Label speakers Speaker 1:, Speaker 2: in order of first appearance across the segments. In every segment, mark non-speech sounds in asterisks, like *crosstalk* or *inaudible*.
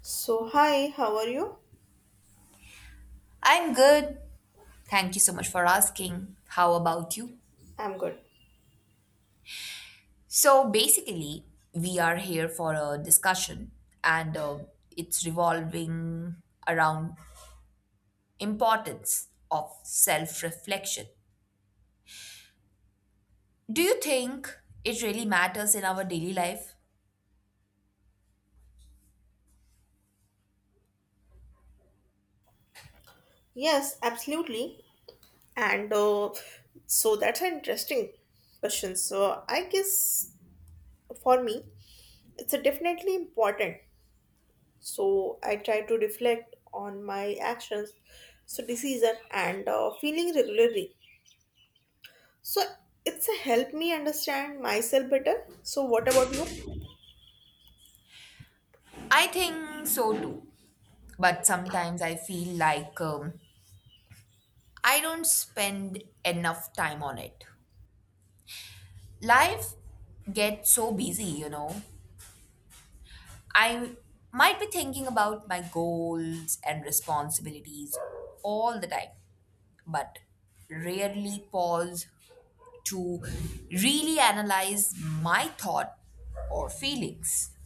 Speaker 1: So, hi, how are you?
Speaker 2: I'm good. Thank you so much for asking. How about you?
Speaker 1: I'm good.
Speaker 2: So basically, we are here for a discussion and it's revolving around importance of self-reflection. Do you think it really matters in our daily life?
Speaker 1: Yes, absolutely. And so that's an interesting question. So, I guess for me, it's a definitely important. So, I try to reflect on my actions, so decision, and feeling regularly. So, it's a help me understand myself better. So, what about you?
Speaker 2: I think so too. But sometimes I feel like I don't spend enough time on it. Life gets so busy, you know, I might be thinking about my goals and responsibilities all the time, but rarely pause to really analyze my thought or feelings.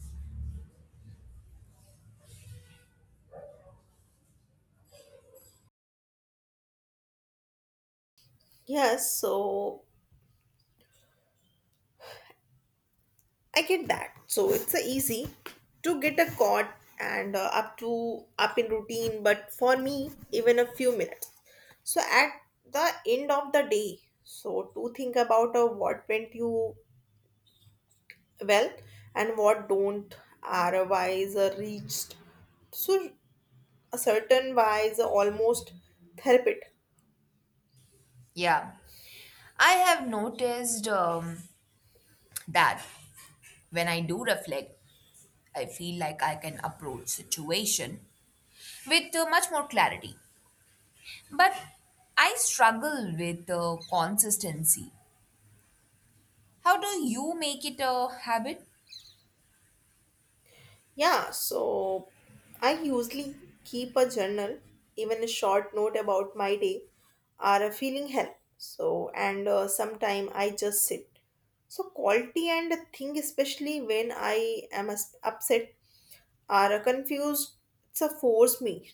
Speaker 1: Yes, so I get that. So it's a easy to get a caught and up in routine, but for me, even a few minutes. So at the end of the day, so to think about what went you well and what don't are wise reached. So a certain wise almost therapy.
Speaker 2: Yeah, I have noticed that when I do reflect, I feel like I can approach situation with much more clarity. But I struggle with consistency. How do you make it a habit?
Speaker 1: Yeah, so I usually keep a journal, even a short note about my day or a feeling help. So, and sometime I just sit. So, quality and a thing, especially when I am upset or confused, it's a force me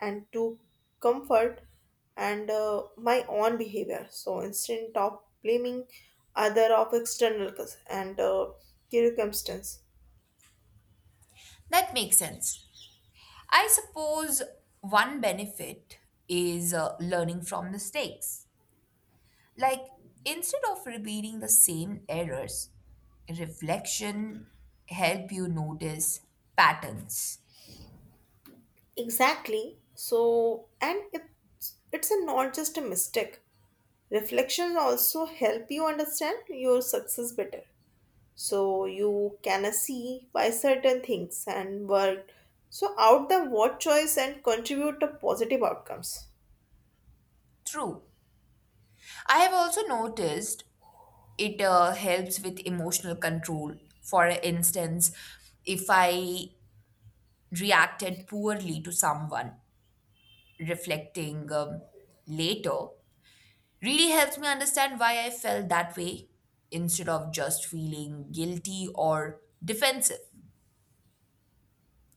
Speaker 1: and to comfort and my own behavior. So, instead of blaming other of external cause and circumstance.
Speaker 2: That makes sense. I suppose one benefit is learning from mistakes. Like, instead of repeating the same errors, reflection help you notice patterns.
Speaker 1: Exactly. So, and it's a not just a mistake. Reflection also help you understand your success better. So you can see why certain things and work. So out the what choice and contribute to positive outcomes.
Speaker 2: True. I have also noticed it helps with emotional control. For instance, if I reacted poorly to someone, reflecting later really helps me understand why I felt that way instead of just feeling guilty or defensive.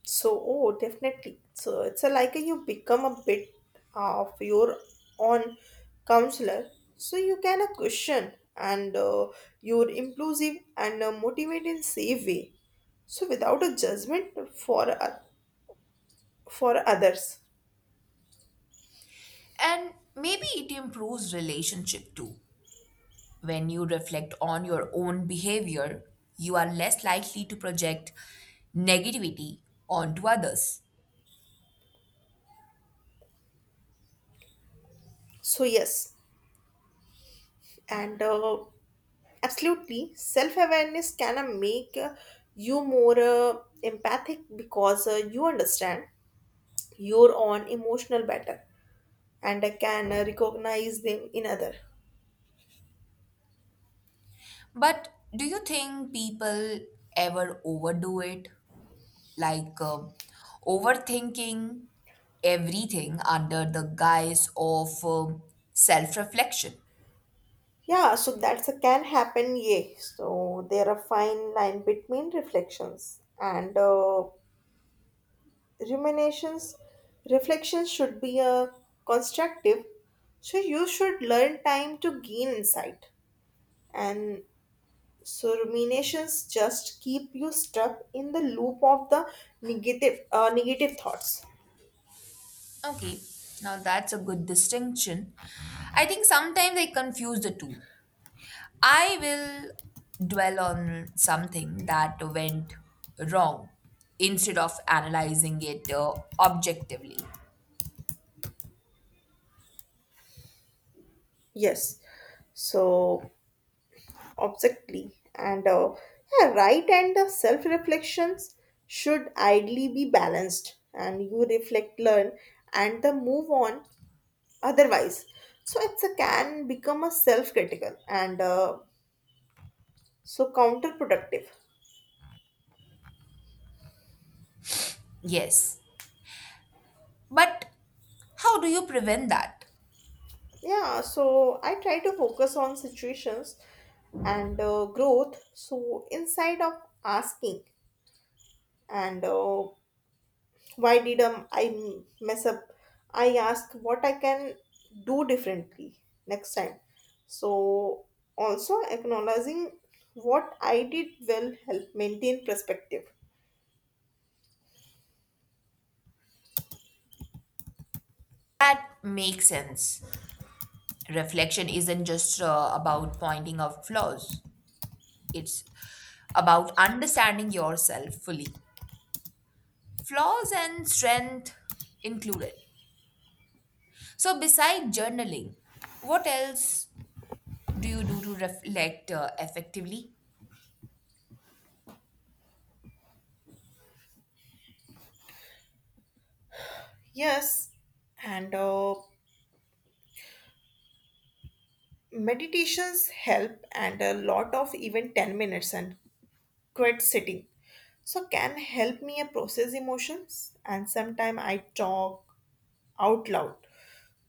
Speaker 1: So, oh, definitely. So it's a, like you become a bit of your own counselor. So you can question and you're inclusive and motivate in safe way. So without a judgment for uh, for others.
Speaker 2: And maybe it improves relationship too. When you reflect on your own behavior, you are less likely to project negativity onto others.
Speaker 1: So yes, and absolutely, self awareness can make you more empathic because you understand your own emotional better and I can recognize them in other.
Speaker 2: But do you think people ever overdo it? Like uh, overthinking everything under the guise of self reflection?
Speaker 1: Yeah, so that's a can happen, yeah. So there are fine line between reflections and ruminations. Reflections should be constructive, so you should learn time to gain insight. And so ruminations just keep you stuck in the loop of the negative thoughts.
Speaker 2: Okay, now that's a good distinction. I think sometimes I confuse the two. I will dwell on something that went wrong instead of analyzing it objectively.
Speaker 1: Yes. So exactly. And yeah, right, and the self reflections should ideally be balanced and you reflect, learn, and then move on otherwise. So it's a can become a self critical and so counterproductive.
Speaker 2: Yes, but how do you prevent that?
Speaker 1: Yeah, so I try to focus on situations and growth. So inside of asking and why did I mess up, I ask what I can do differently next time, so also acknowledging what I did well help maintain perspective.
Speaker 2: That makes sense. Reflection isn't just about pointing out flaws, it's about understanding yourself fully, flaws and strength included. So, besides journaling, what else do you do to reflect effectively?
Speaker 1: Yes, and meditations help and a lot of even 10 minutes and quiet sitting so can help me process emotions, and sometimes I talk out loud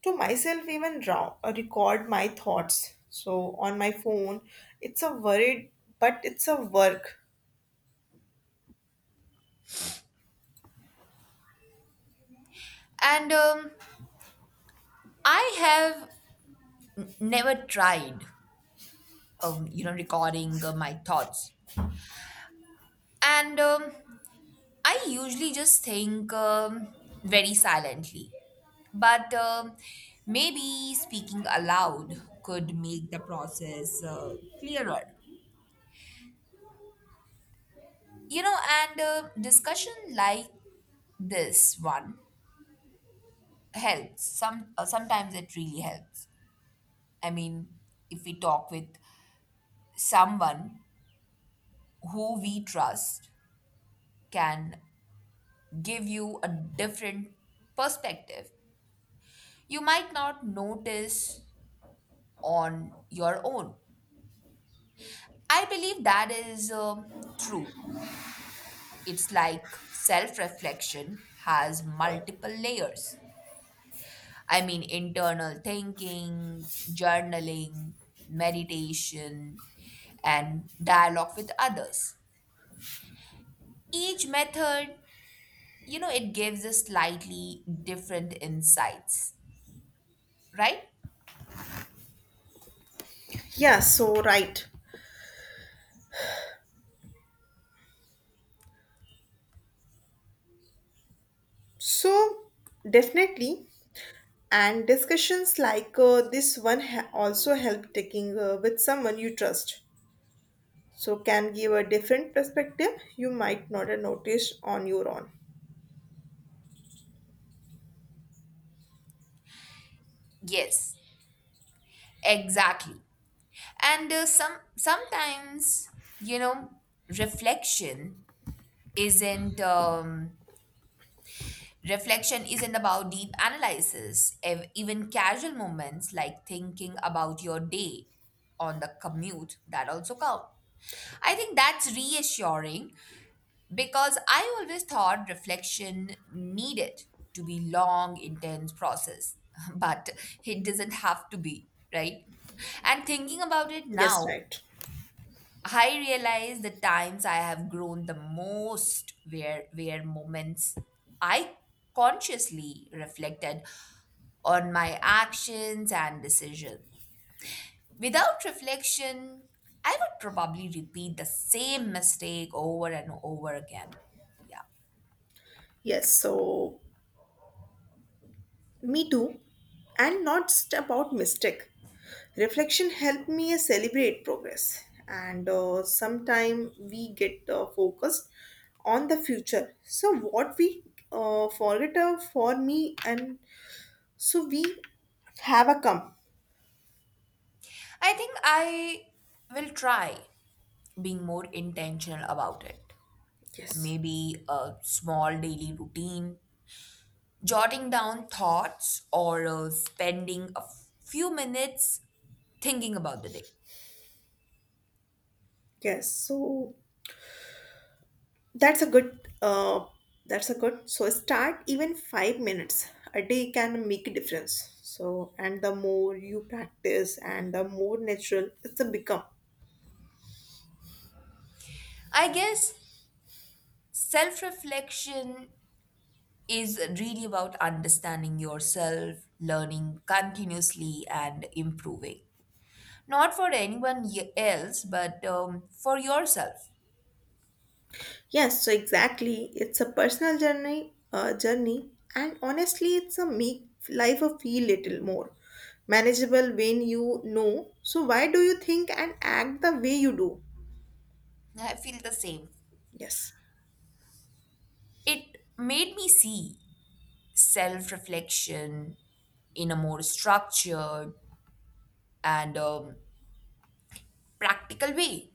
Speaker 1: to myself, even raw, record my thoughts. So on my phone, it's a worried, but it's a work.
Speaker 2: And I have never tried, you know, recording my thoughts. And I usually just think very silently. But maybe speaking aloud could make the process clearer. You know, and discussion like this one helps sometimes it really helps. I mean, if we talk with someone who we trust can give you a different perspective you might not notice on your own. I believe that is true. It's like self reflection has multiple layers. I mean, internal thinking, journaling, meditation, and dialogue with others. Each method, you know, it gives a slightly different insights, right?
Speaker 1: Yeah, so right. So definitely, and discussions like this one also help taking with someone you trust. So can give a different perspective you might not have noticed on your own.
Speaker 2: Yes, exactly. And sometimes, you know, reflection isn't um, reflection isn't about deep analysis. Even casual moments like thinking about your day on the commute that also count. I think that's reassuring because I always thought reflection needed to be long, intense process, *laughs* but it doesn't have to be, right? And thinking about it
Speaker 1: Yes,
Speaker 2: now,
Speaker 1: right.
Speaker 2: I realize the times I have grown the most were moments I consciously reflected on my actions and decision. Without reflection, I would probably repeat the same mistake over and over again. Yeah.
Speaker 1: Yes, so me too. And not just about mistake. Reflection helped me celebrate progress, and sometime we get focused on the future, so what we forget for me, and so we have a come.
Speaker 2: I think I will try being more intentional about it.
Speaker 1: Yes.
Speaker 2: Maybe a small daily routine jotting down thoughts or spending a few minutes thinking about the day.
Speaker 1: Yes, so that's a good so start, even 5 minutes a day can make a difference, so and the more you practice and the more natural it's a become.
Speaker 2: I guess self reflection is really about understanding yourself, learning continuously, and improving. Not for anyone else, but for yourself.
Speaker 1: Yes, so exactly. It's a personal journey, and honestly, it's a make life a feel little more manageable when you know. So why do you think and act the way you do?
Speaker 2: I feel the same.
Speaker 1: Yes,
Speaker 2: It made me see self reflection in a more structured and practical way.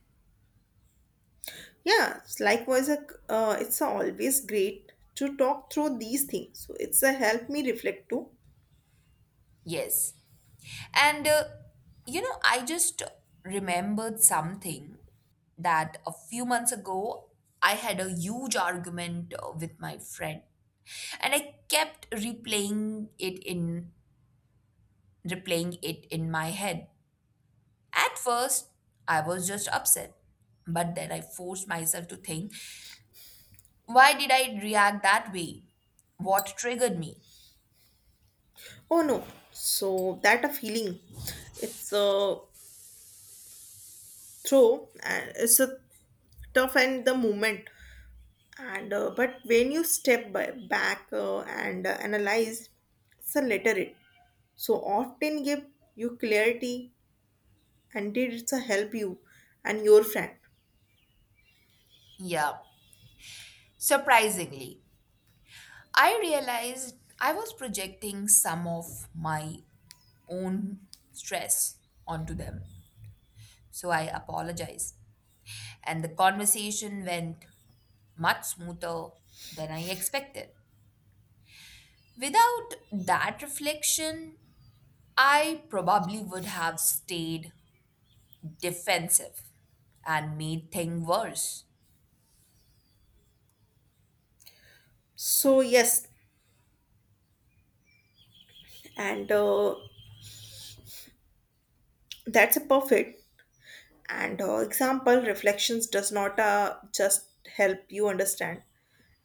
Speaker 1: yeah, it's likewise, it's always great to talk through these things. So it's a help me reflect too.
Speaker 2: Yes. And you know, I just remembered something that a few months ago I had a huge argument with my friend, and I kept replaying it in my head. At first, I was just upset, but then I forced myself to think, why did I react that way? What triggered me?
Speaker 1: Oh no, so that a feeling. It's a throw and it's a tough and the moment, and but when you step by, back and analyze it's a letter it so often give you clarity and did it's a help you and your friend.
Speaker 2: Yeah. Surprisingly, I realized I was projecting some of my own stress onto them. So I apologized. And the conversation went much smoother than I expected. Without that reflection, I probably would have stayed defensive and made things worse.
Speaker 1: So yes, and that's a perfect and example, reflections does not just help you understand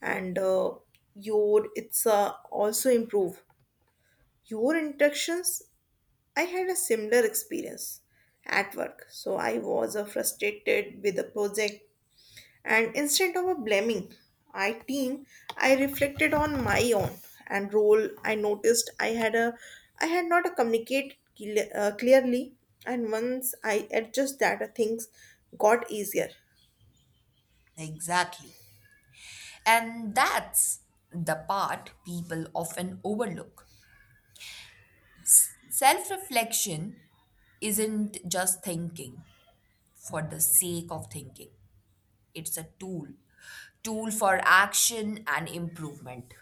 Speaker 1: and your it's also improve your interactions. I had a similar experience at work. So I was frustrated with the project, and instead of blaming my team, I reflected on my own and role. I noticed I had not communicated clearly, and once I adjust that, things got easier.
Speaker 2: Exactly. And that's the part people often overlook. Self reflection isn't just thinking for the sake of thinking. It's a tool, tool for action and improvement.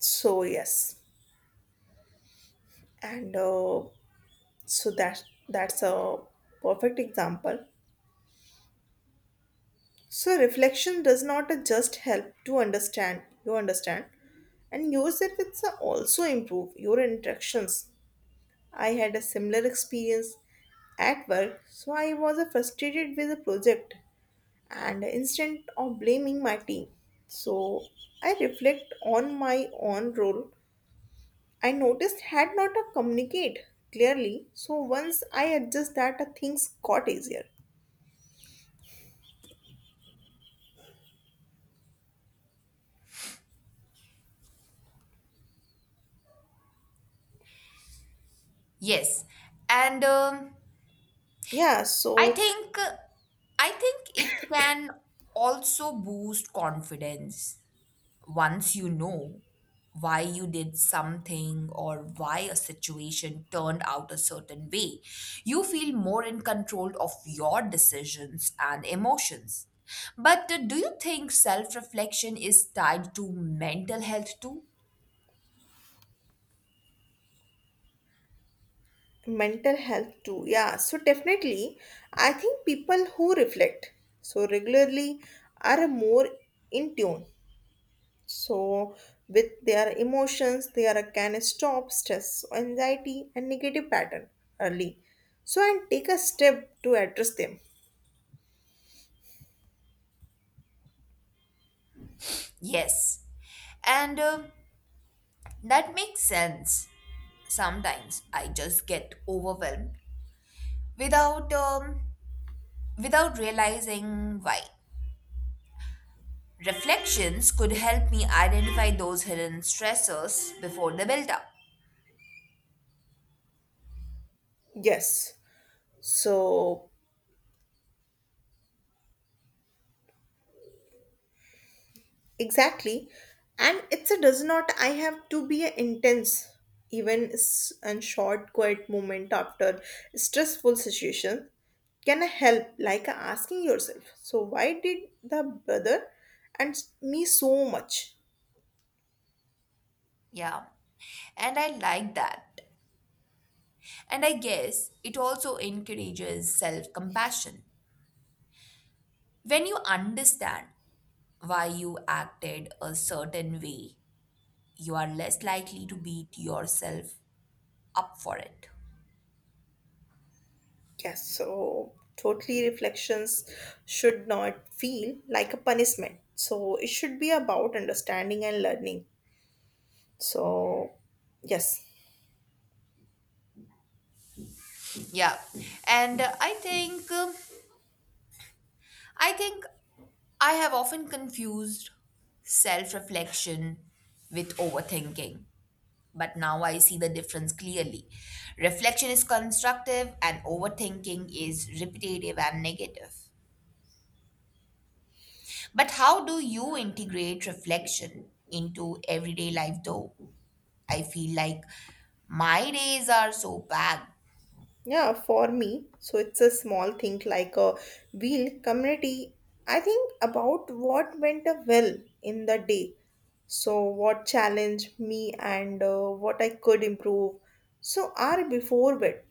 Speaker 1: So yes, and so that's a perfect example. So reflection does not just help to understand, you understand, and yourself it's also improve your interactions. I had a similar experience at work, so I was frustrated with a project, and instead of blaming my team. So I reflect on my own role. I noticed had not communicate clearly. So once I adjust that, things got easier.
Speaker 2: Yes, and
Speaker 1: Yeah,
Speaker 2: I
Speaker 1: so
Speaker 2: think I think it can also boost confidence once you know why you did something or why a situation turned out a certain way. You feel more in control of your decisions and emotions. But do you think self reflection is tied to mental health too?
Speaker 1: mental health too, yeah, so definitely, I think people who reflect so regularly are more in tune so with their emotions, they are can stop stress anxiety and negative pattern early, so and take a step to address them.
Speaker 2: Yes. And that makes sense. Sometimes I just get overwhelmed without um, without realizing why. Reflections could help me identify those hidden stressors before they build up.
Speaker 1: Yes, so exactly. And it's a does not I have to be an intense, even and short quiet moment after stressful situation can help, like asking yourself so why did the brother and me so much.
Speaker 2: Yeah. And I like that. And I guess it also encourages self-compassion. When you understand why you acted a certain way, you are less likely to beat yourself up for it.
Speaker 1: Yes, so totally reflections should not feel like a punishment, so it should be about understanding and learning. So yes.
Speaker 2: Yeah, and I think I have often confused self-reflection with overthinking, but now I see the difference clearly. Reflection is constructive, and overthinking is repetitive and negative. But how do you integrate reflection into everyday life, though? I feel like my days are so bad.
Speaker 1: Yeah, for me, so it's a small thing like a wheel community. I think about what went well in the day. So, what challenged me and what I could improve. So, are before bed.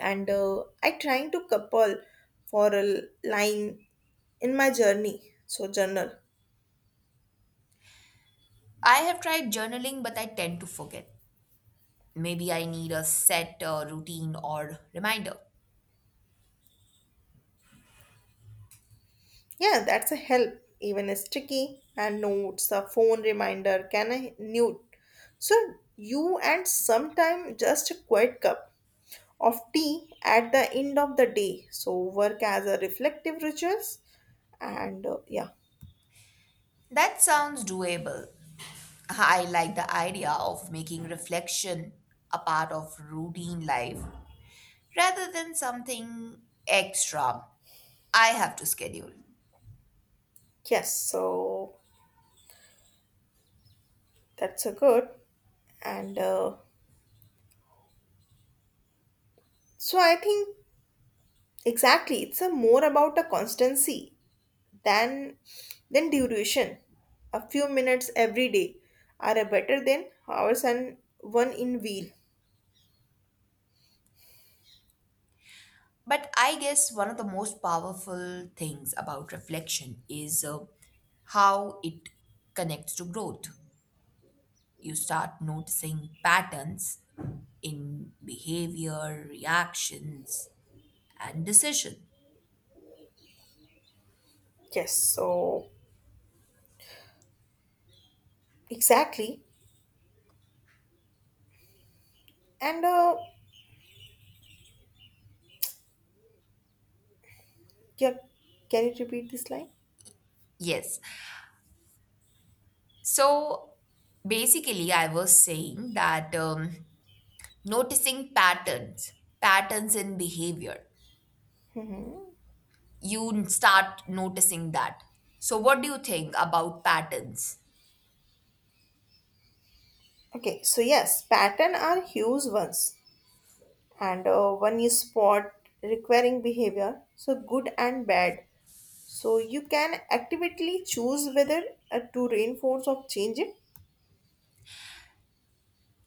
Speaker 1: And I trying to couple for a line in my journey. So, journal.
Speaker 2: I have tried journaling, but I tend to forget. Maybe I need a set routine or reminder.
Speaker 1: Yeah, that's a help. Even a sticky and notes, a phone reminder can I new. So you add sometime just a quiet cup of tea at the end of the day. So work as a reflective rituals and yeah.
Speaker 2: That sounds doable. I like the idea of making reflection a part of routine life rather than something extra I have to schedule.
Speaker 1: Yes. So that's a good and so I think exactly it's a more about a constancy. Then, then duration. A few minutes every day are a better than hours and one in wheel.
Speaker 2: But I guess one of the most powerful things about reflection is how it connects to growth. You start noticing patterns in behavior, reactions, and decision.
Speaker 1: Yes, so exactly. And yeah, can you repeat this line?
Speaker 2: Yes. So basically, I was saying that noticing patterns, patterns in behavior,
Speaker 1: Hmm.
Speaker 2: you start noticing that. So, what do you think about patterns?
Speaker 1: Okay, so yes, pattern are huge ones, and one is spot requiring behavior, so good and bad. So you can actively choose whether to reinforce or change it.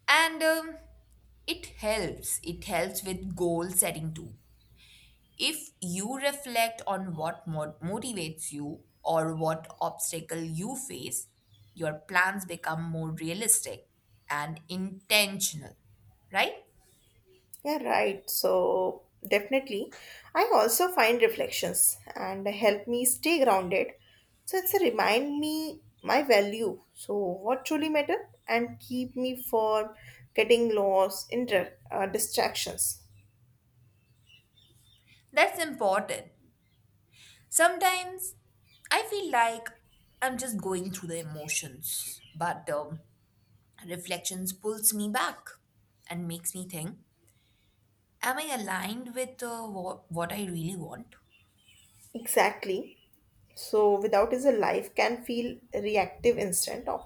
Speaker 2: And it helps with goal setting too. If you reflect on what motivates you or what obstacle you face, your plans become more realistic and intentional, right?
Speaker 1: Yeah, right. So definitely, I also find reflections and help me stay grounded. So it's a remind me my value. So what truly matter and keep me from getting lost in distractions.
Speaker 2: That's important. Sometimes I feel like I'm just going through the emotions, but reflections pulls me back and makes me think, am I aligned with what I really want?
Speaker 1: Exactly. So without is a life can feel reactive instead of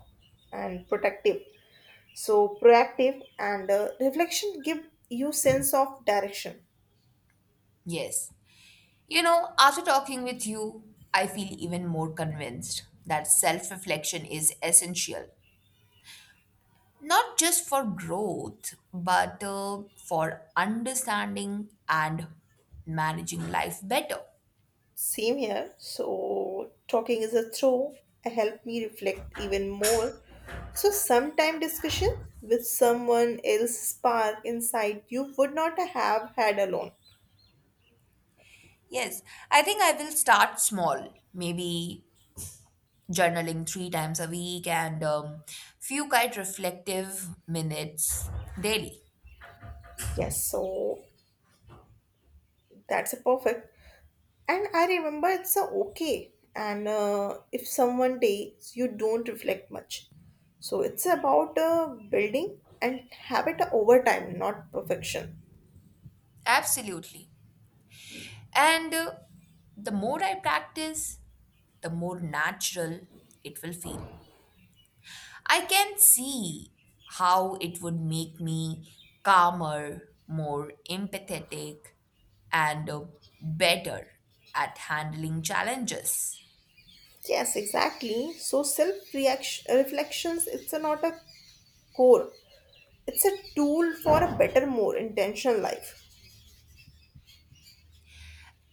Speaker 1: and protective. So proactive and reflection give you sense of direction.
Speaker 2: Yes. You know, after talking with you, I feel even more convinced that self reflection is essential, not just for growth, but for understanding and managing life better.
Speaker 1: Same here. So, talking is a throw. Help me reflect even more. So, sometime discussion with someone else spark inside you would not have had alone.
Speaker 2: Yes, I think I will start small, maybe journaling three times a week and few quite reflective minutes daily.
Speaker 1: Yes, so that's a perfect. And I remember it's a okay. And if someone days you don't reflect much. So it's about building and habit over time, not perfection.
Speaker 2: Absolutely. And the more I practice, the more natural it will feel. I can see how it would make me calmer, more empathetic, and better at handling challenges.
Speaker 1: Yes, exactly. So self reaction reflections. It's a not a core, it's a tool for a better, more intentional life.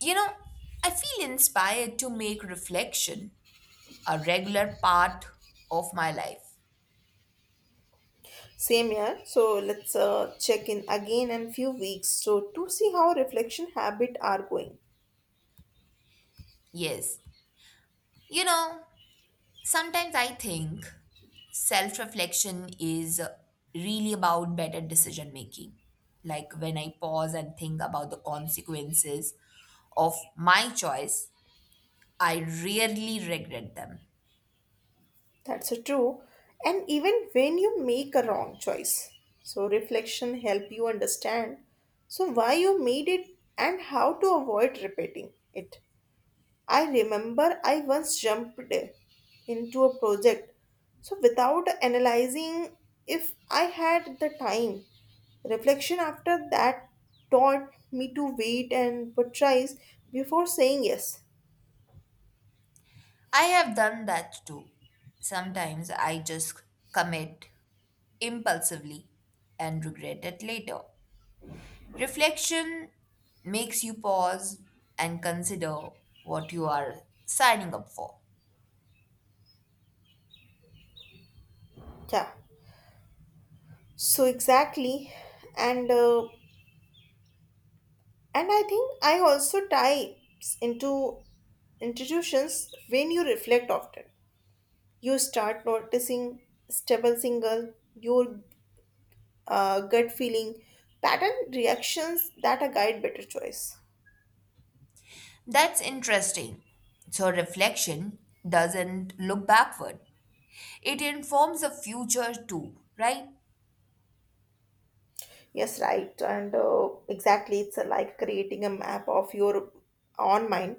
Speaker 2: You know, I feel inspired to make reflection a regular part of my life.
Speaker 1: Same here, so let's check in again in few weeks, so to see how reflection habit are going.
Speaker 2: Yes. You know, sometimes I think self reflection is really about better decision making. Like when I pause and think about the consequences of my choice, I rarely regret them.
Speaker 1: That's a true. And even when you make a wrong choice, so reflection help you understand so why you made it and how to avoid repeating it. I remember I once jumped into a project. So, without analyzing if I had the time, reflection after that taught me to wait and prioritize before saying yes.
Speaker 2: I have done that too. Sometimes I just commit impulsively and regret it later. Reflection makes you pause and consider what you are signing up for.
Speaker 1: Yeah. So exactly, and and I think I also types into institutions when you reflect often. You start noticing stable single, your gut feeling pattern reactions that a guide better choice.
Speaker 2: That's interesting. So, reflection doesn't look backward, it informs the future too, right?
Speaker 1: Yes, right, and exactly it's like creating a map of your own mind.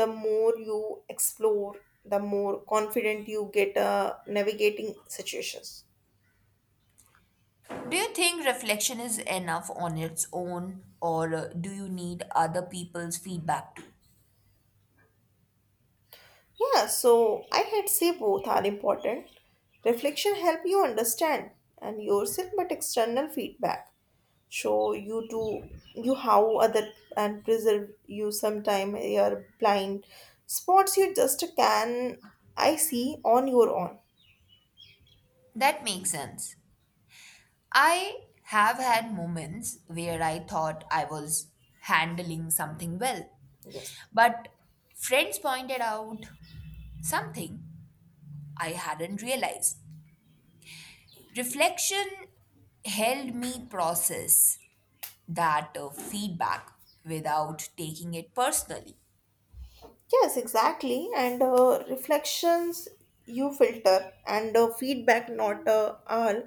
Speaker 1: The more you explore, the more confident you get navigating situations.
Speaker 2: Do you think reflection is enough on its own, or do you need other people's feedback too?
Speaker 1: Yeah, so I had say both are important. Reflection help you understand and yourself, but external feedback show you to you how other and preserve you sometime your blind spots you just can I see on your own.
Speaker 2: That makes sense. I have had moments where I thought I was handling something well,
Speaker 1: Yes.
Speaker 2: but friends pointed out something I hadn't realized. Reflection helped me process that feedback without taking it personally.
Speaker 1: Yes, exactly. And reflections you filter, and feedback not all.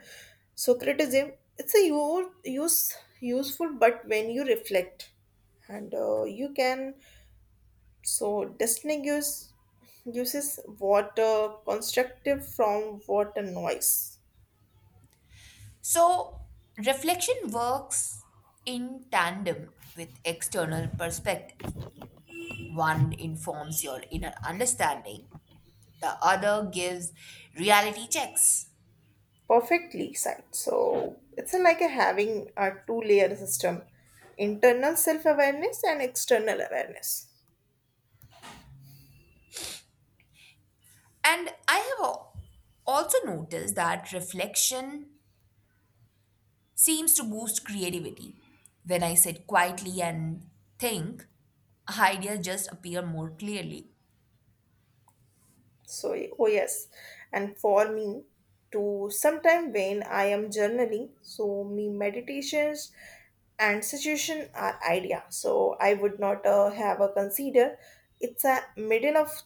Speaker 1: So criticism it's a use useful, but when you reflect, and you can so distinguish uses what constructive from what a noise.
Speaker 2: So, reflection works in tandem with external perspectives. One informs your inner understanding, the other gives reality checks.
Speaker 1: Perfectly sight. So it's a, like a having a two layer system, internal self awareness and external awareness.
Speaker 2: And I have also noticed that reflection seems to boost creativity. When I sit quietly and think, ideas just appear more clearly.
Speaker 1: So, oh yes, and for me, to sometime when I am journaling, so me meditations and situation are idea. So I would not have a consider. It's a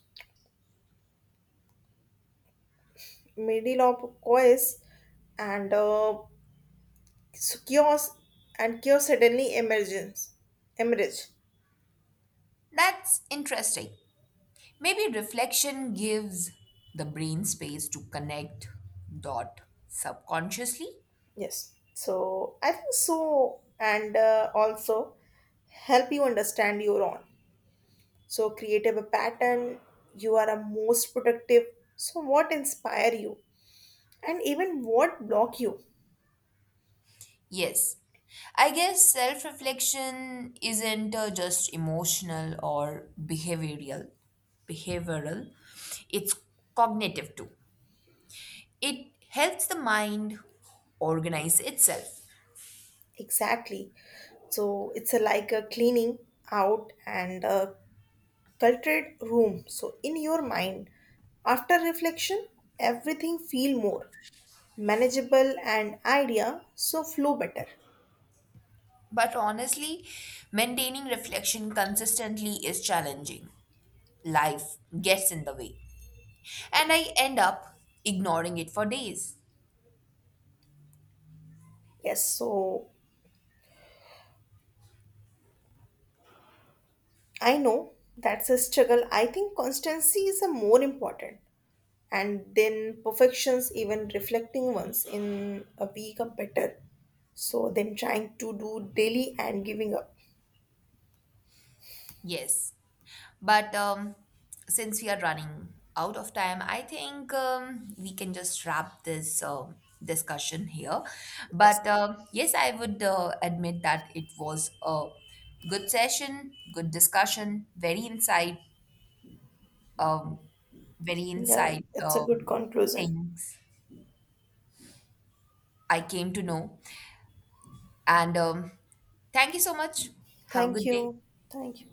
Speaker 1: middle of course, and so chaos suddenly emerge.
Speaker 2: That's interesting. Maybe reflection gives the brain space to connect dot subconsciously.
Speaker 1: Yes, so I think so, and also help you understand your own so creative a pattern you are a most productive, so what inspire you and even what block you.
Speaker 2: Yes. I guess self reflection isn't just emotional or behavioral. It's cognitive too. It helps the mind organize itself.
Speaker 1: Exactly, so it's a, like a cleaning out and a cluttered room so in your mind, after reflection everything feel more manageable and idea so flow better.
Speaker 2: But honestly, maintaining reflection consistently is challenging. Life gets in the way, and I end up ignoring it for days.
Speaker 1: Yes, so I know that's a struggle, I think constancy is a more important and then perfections, even reflecting ones in a become better so them trying to do daily and giving up.
Speaker 2: Yes, but since we are running out of time, I think we can just wrap this discussion here.
Speaker 1: Yes.
Speaker 2: But yes, I would admit that it was a good session, good discussion, um, very
Speaker 1: Yeah,
Speaker 2: insight
Speaker 1: it's a good conclusion.
Speaker 2: things I came to know. And thank you so much. Have a
Speaker 1: Thank
Speaker 2: good day.
Speaker 1: you. Thank you.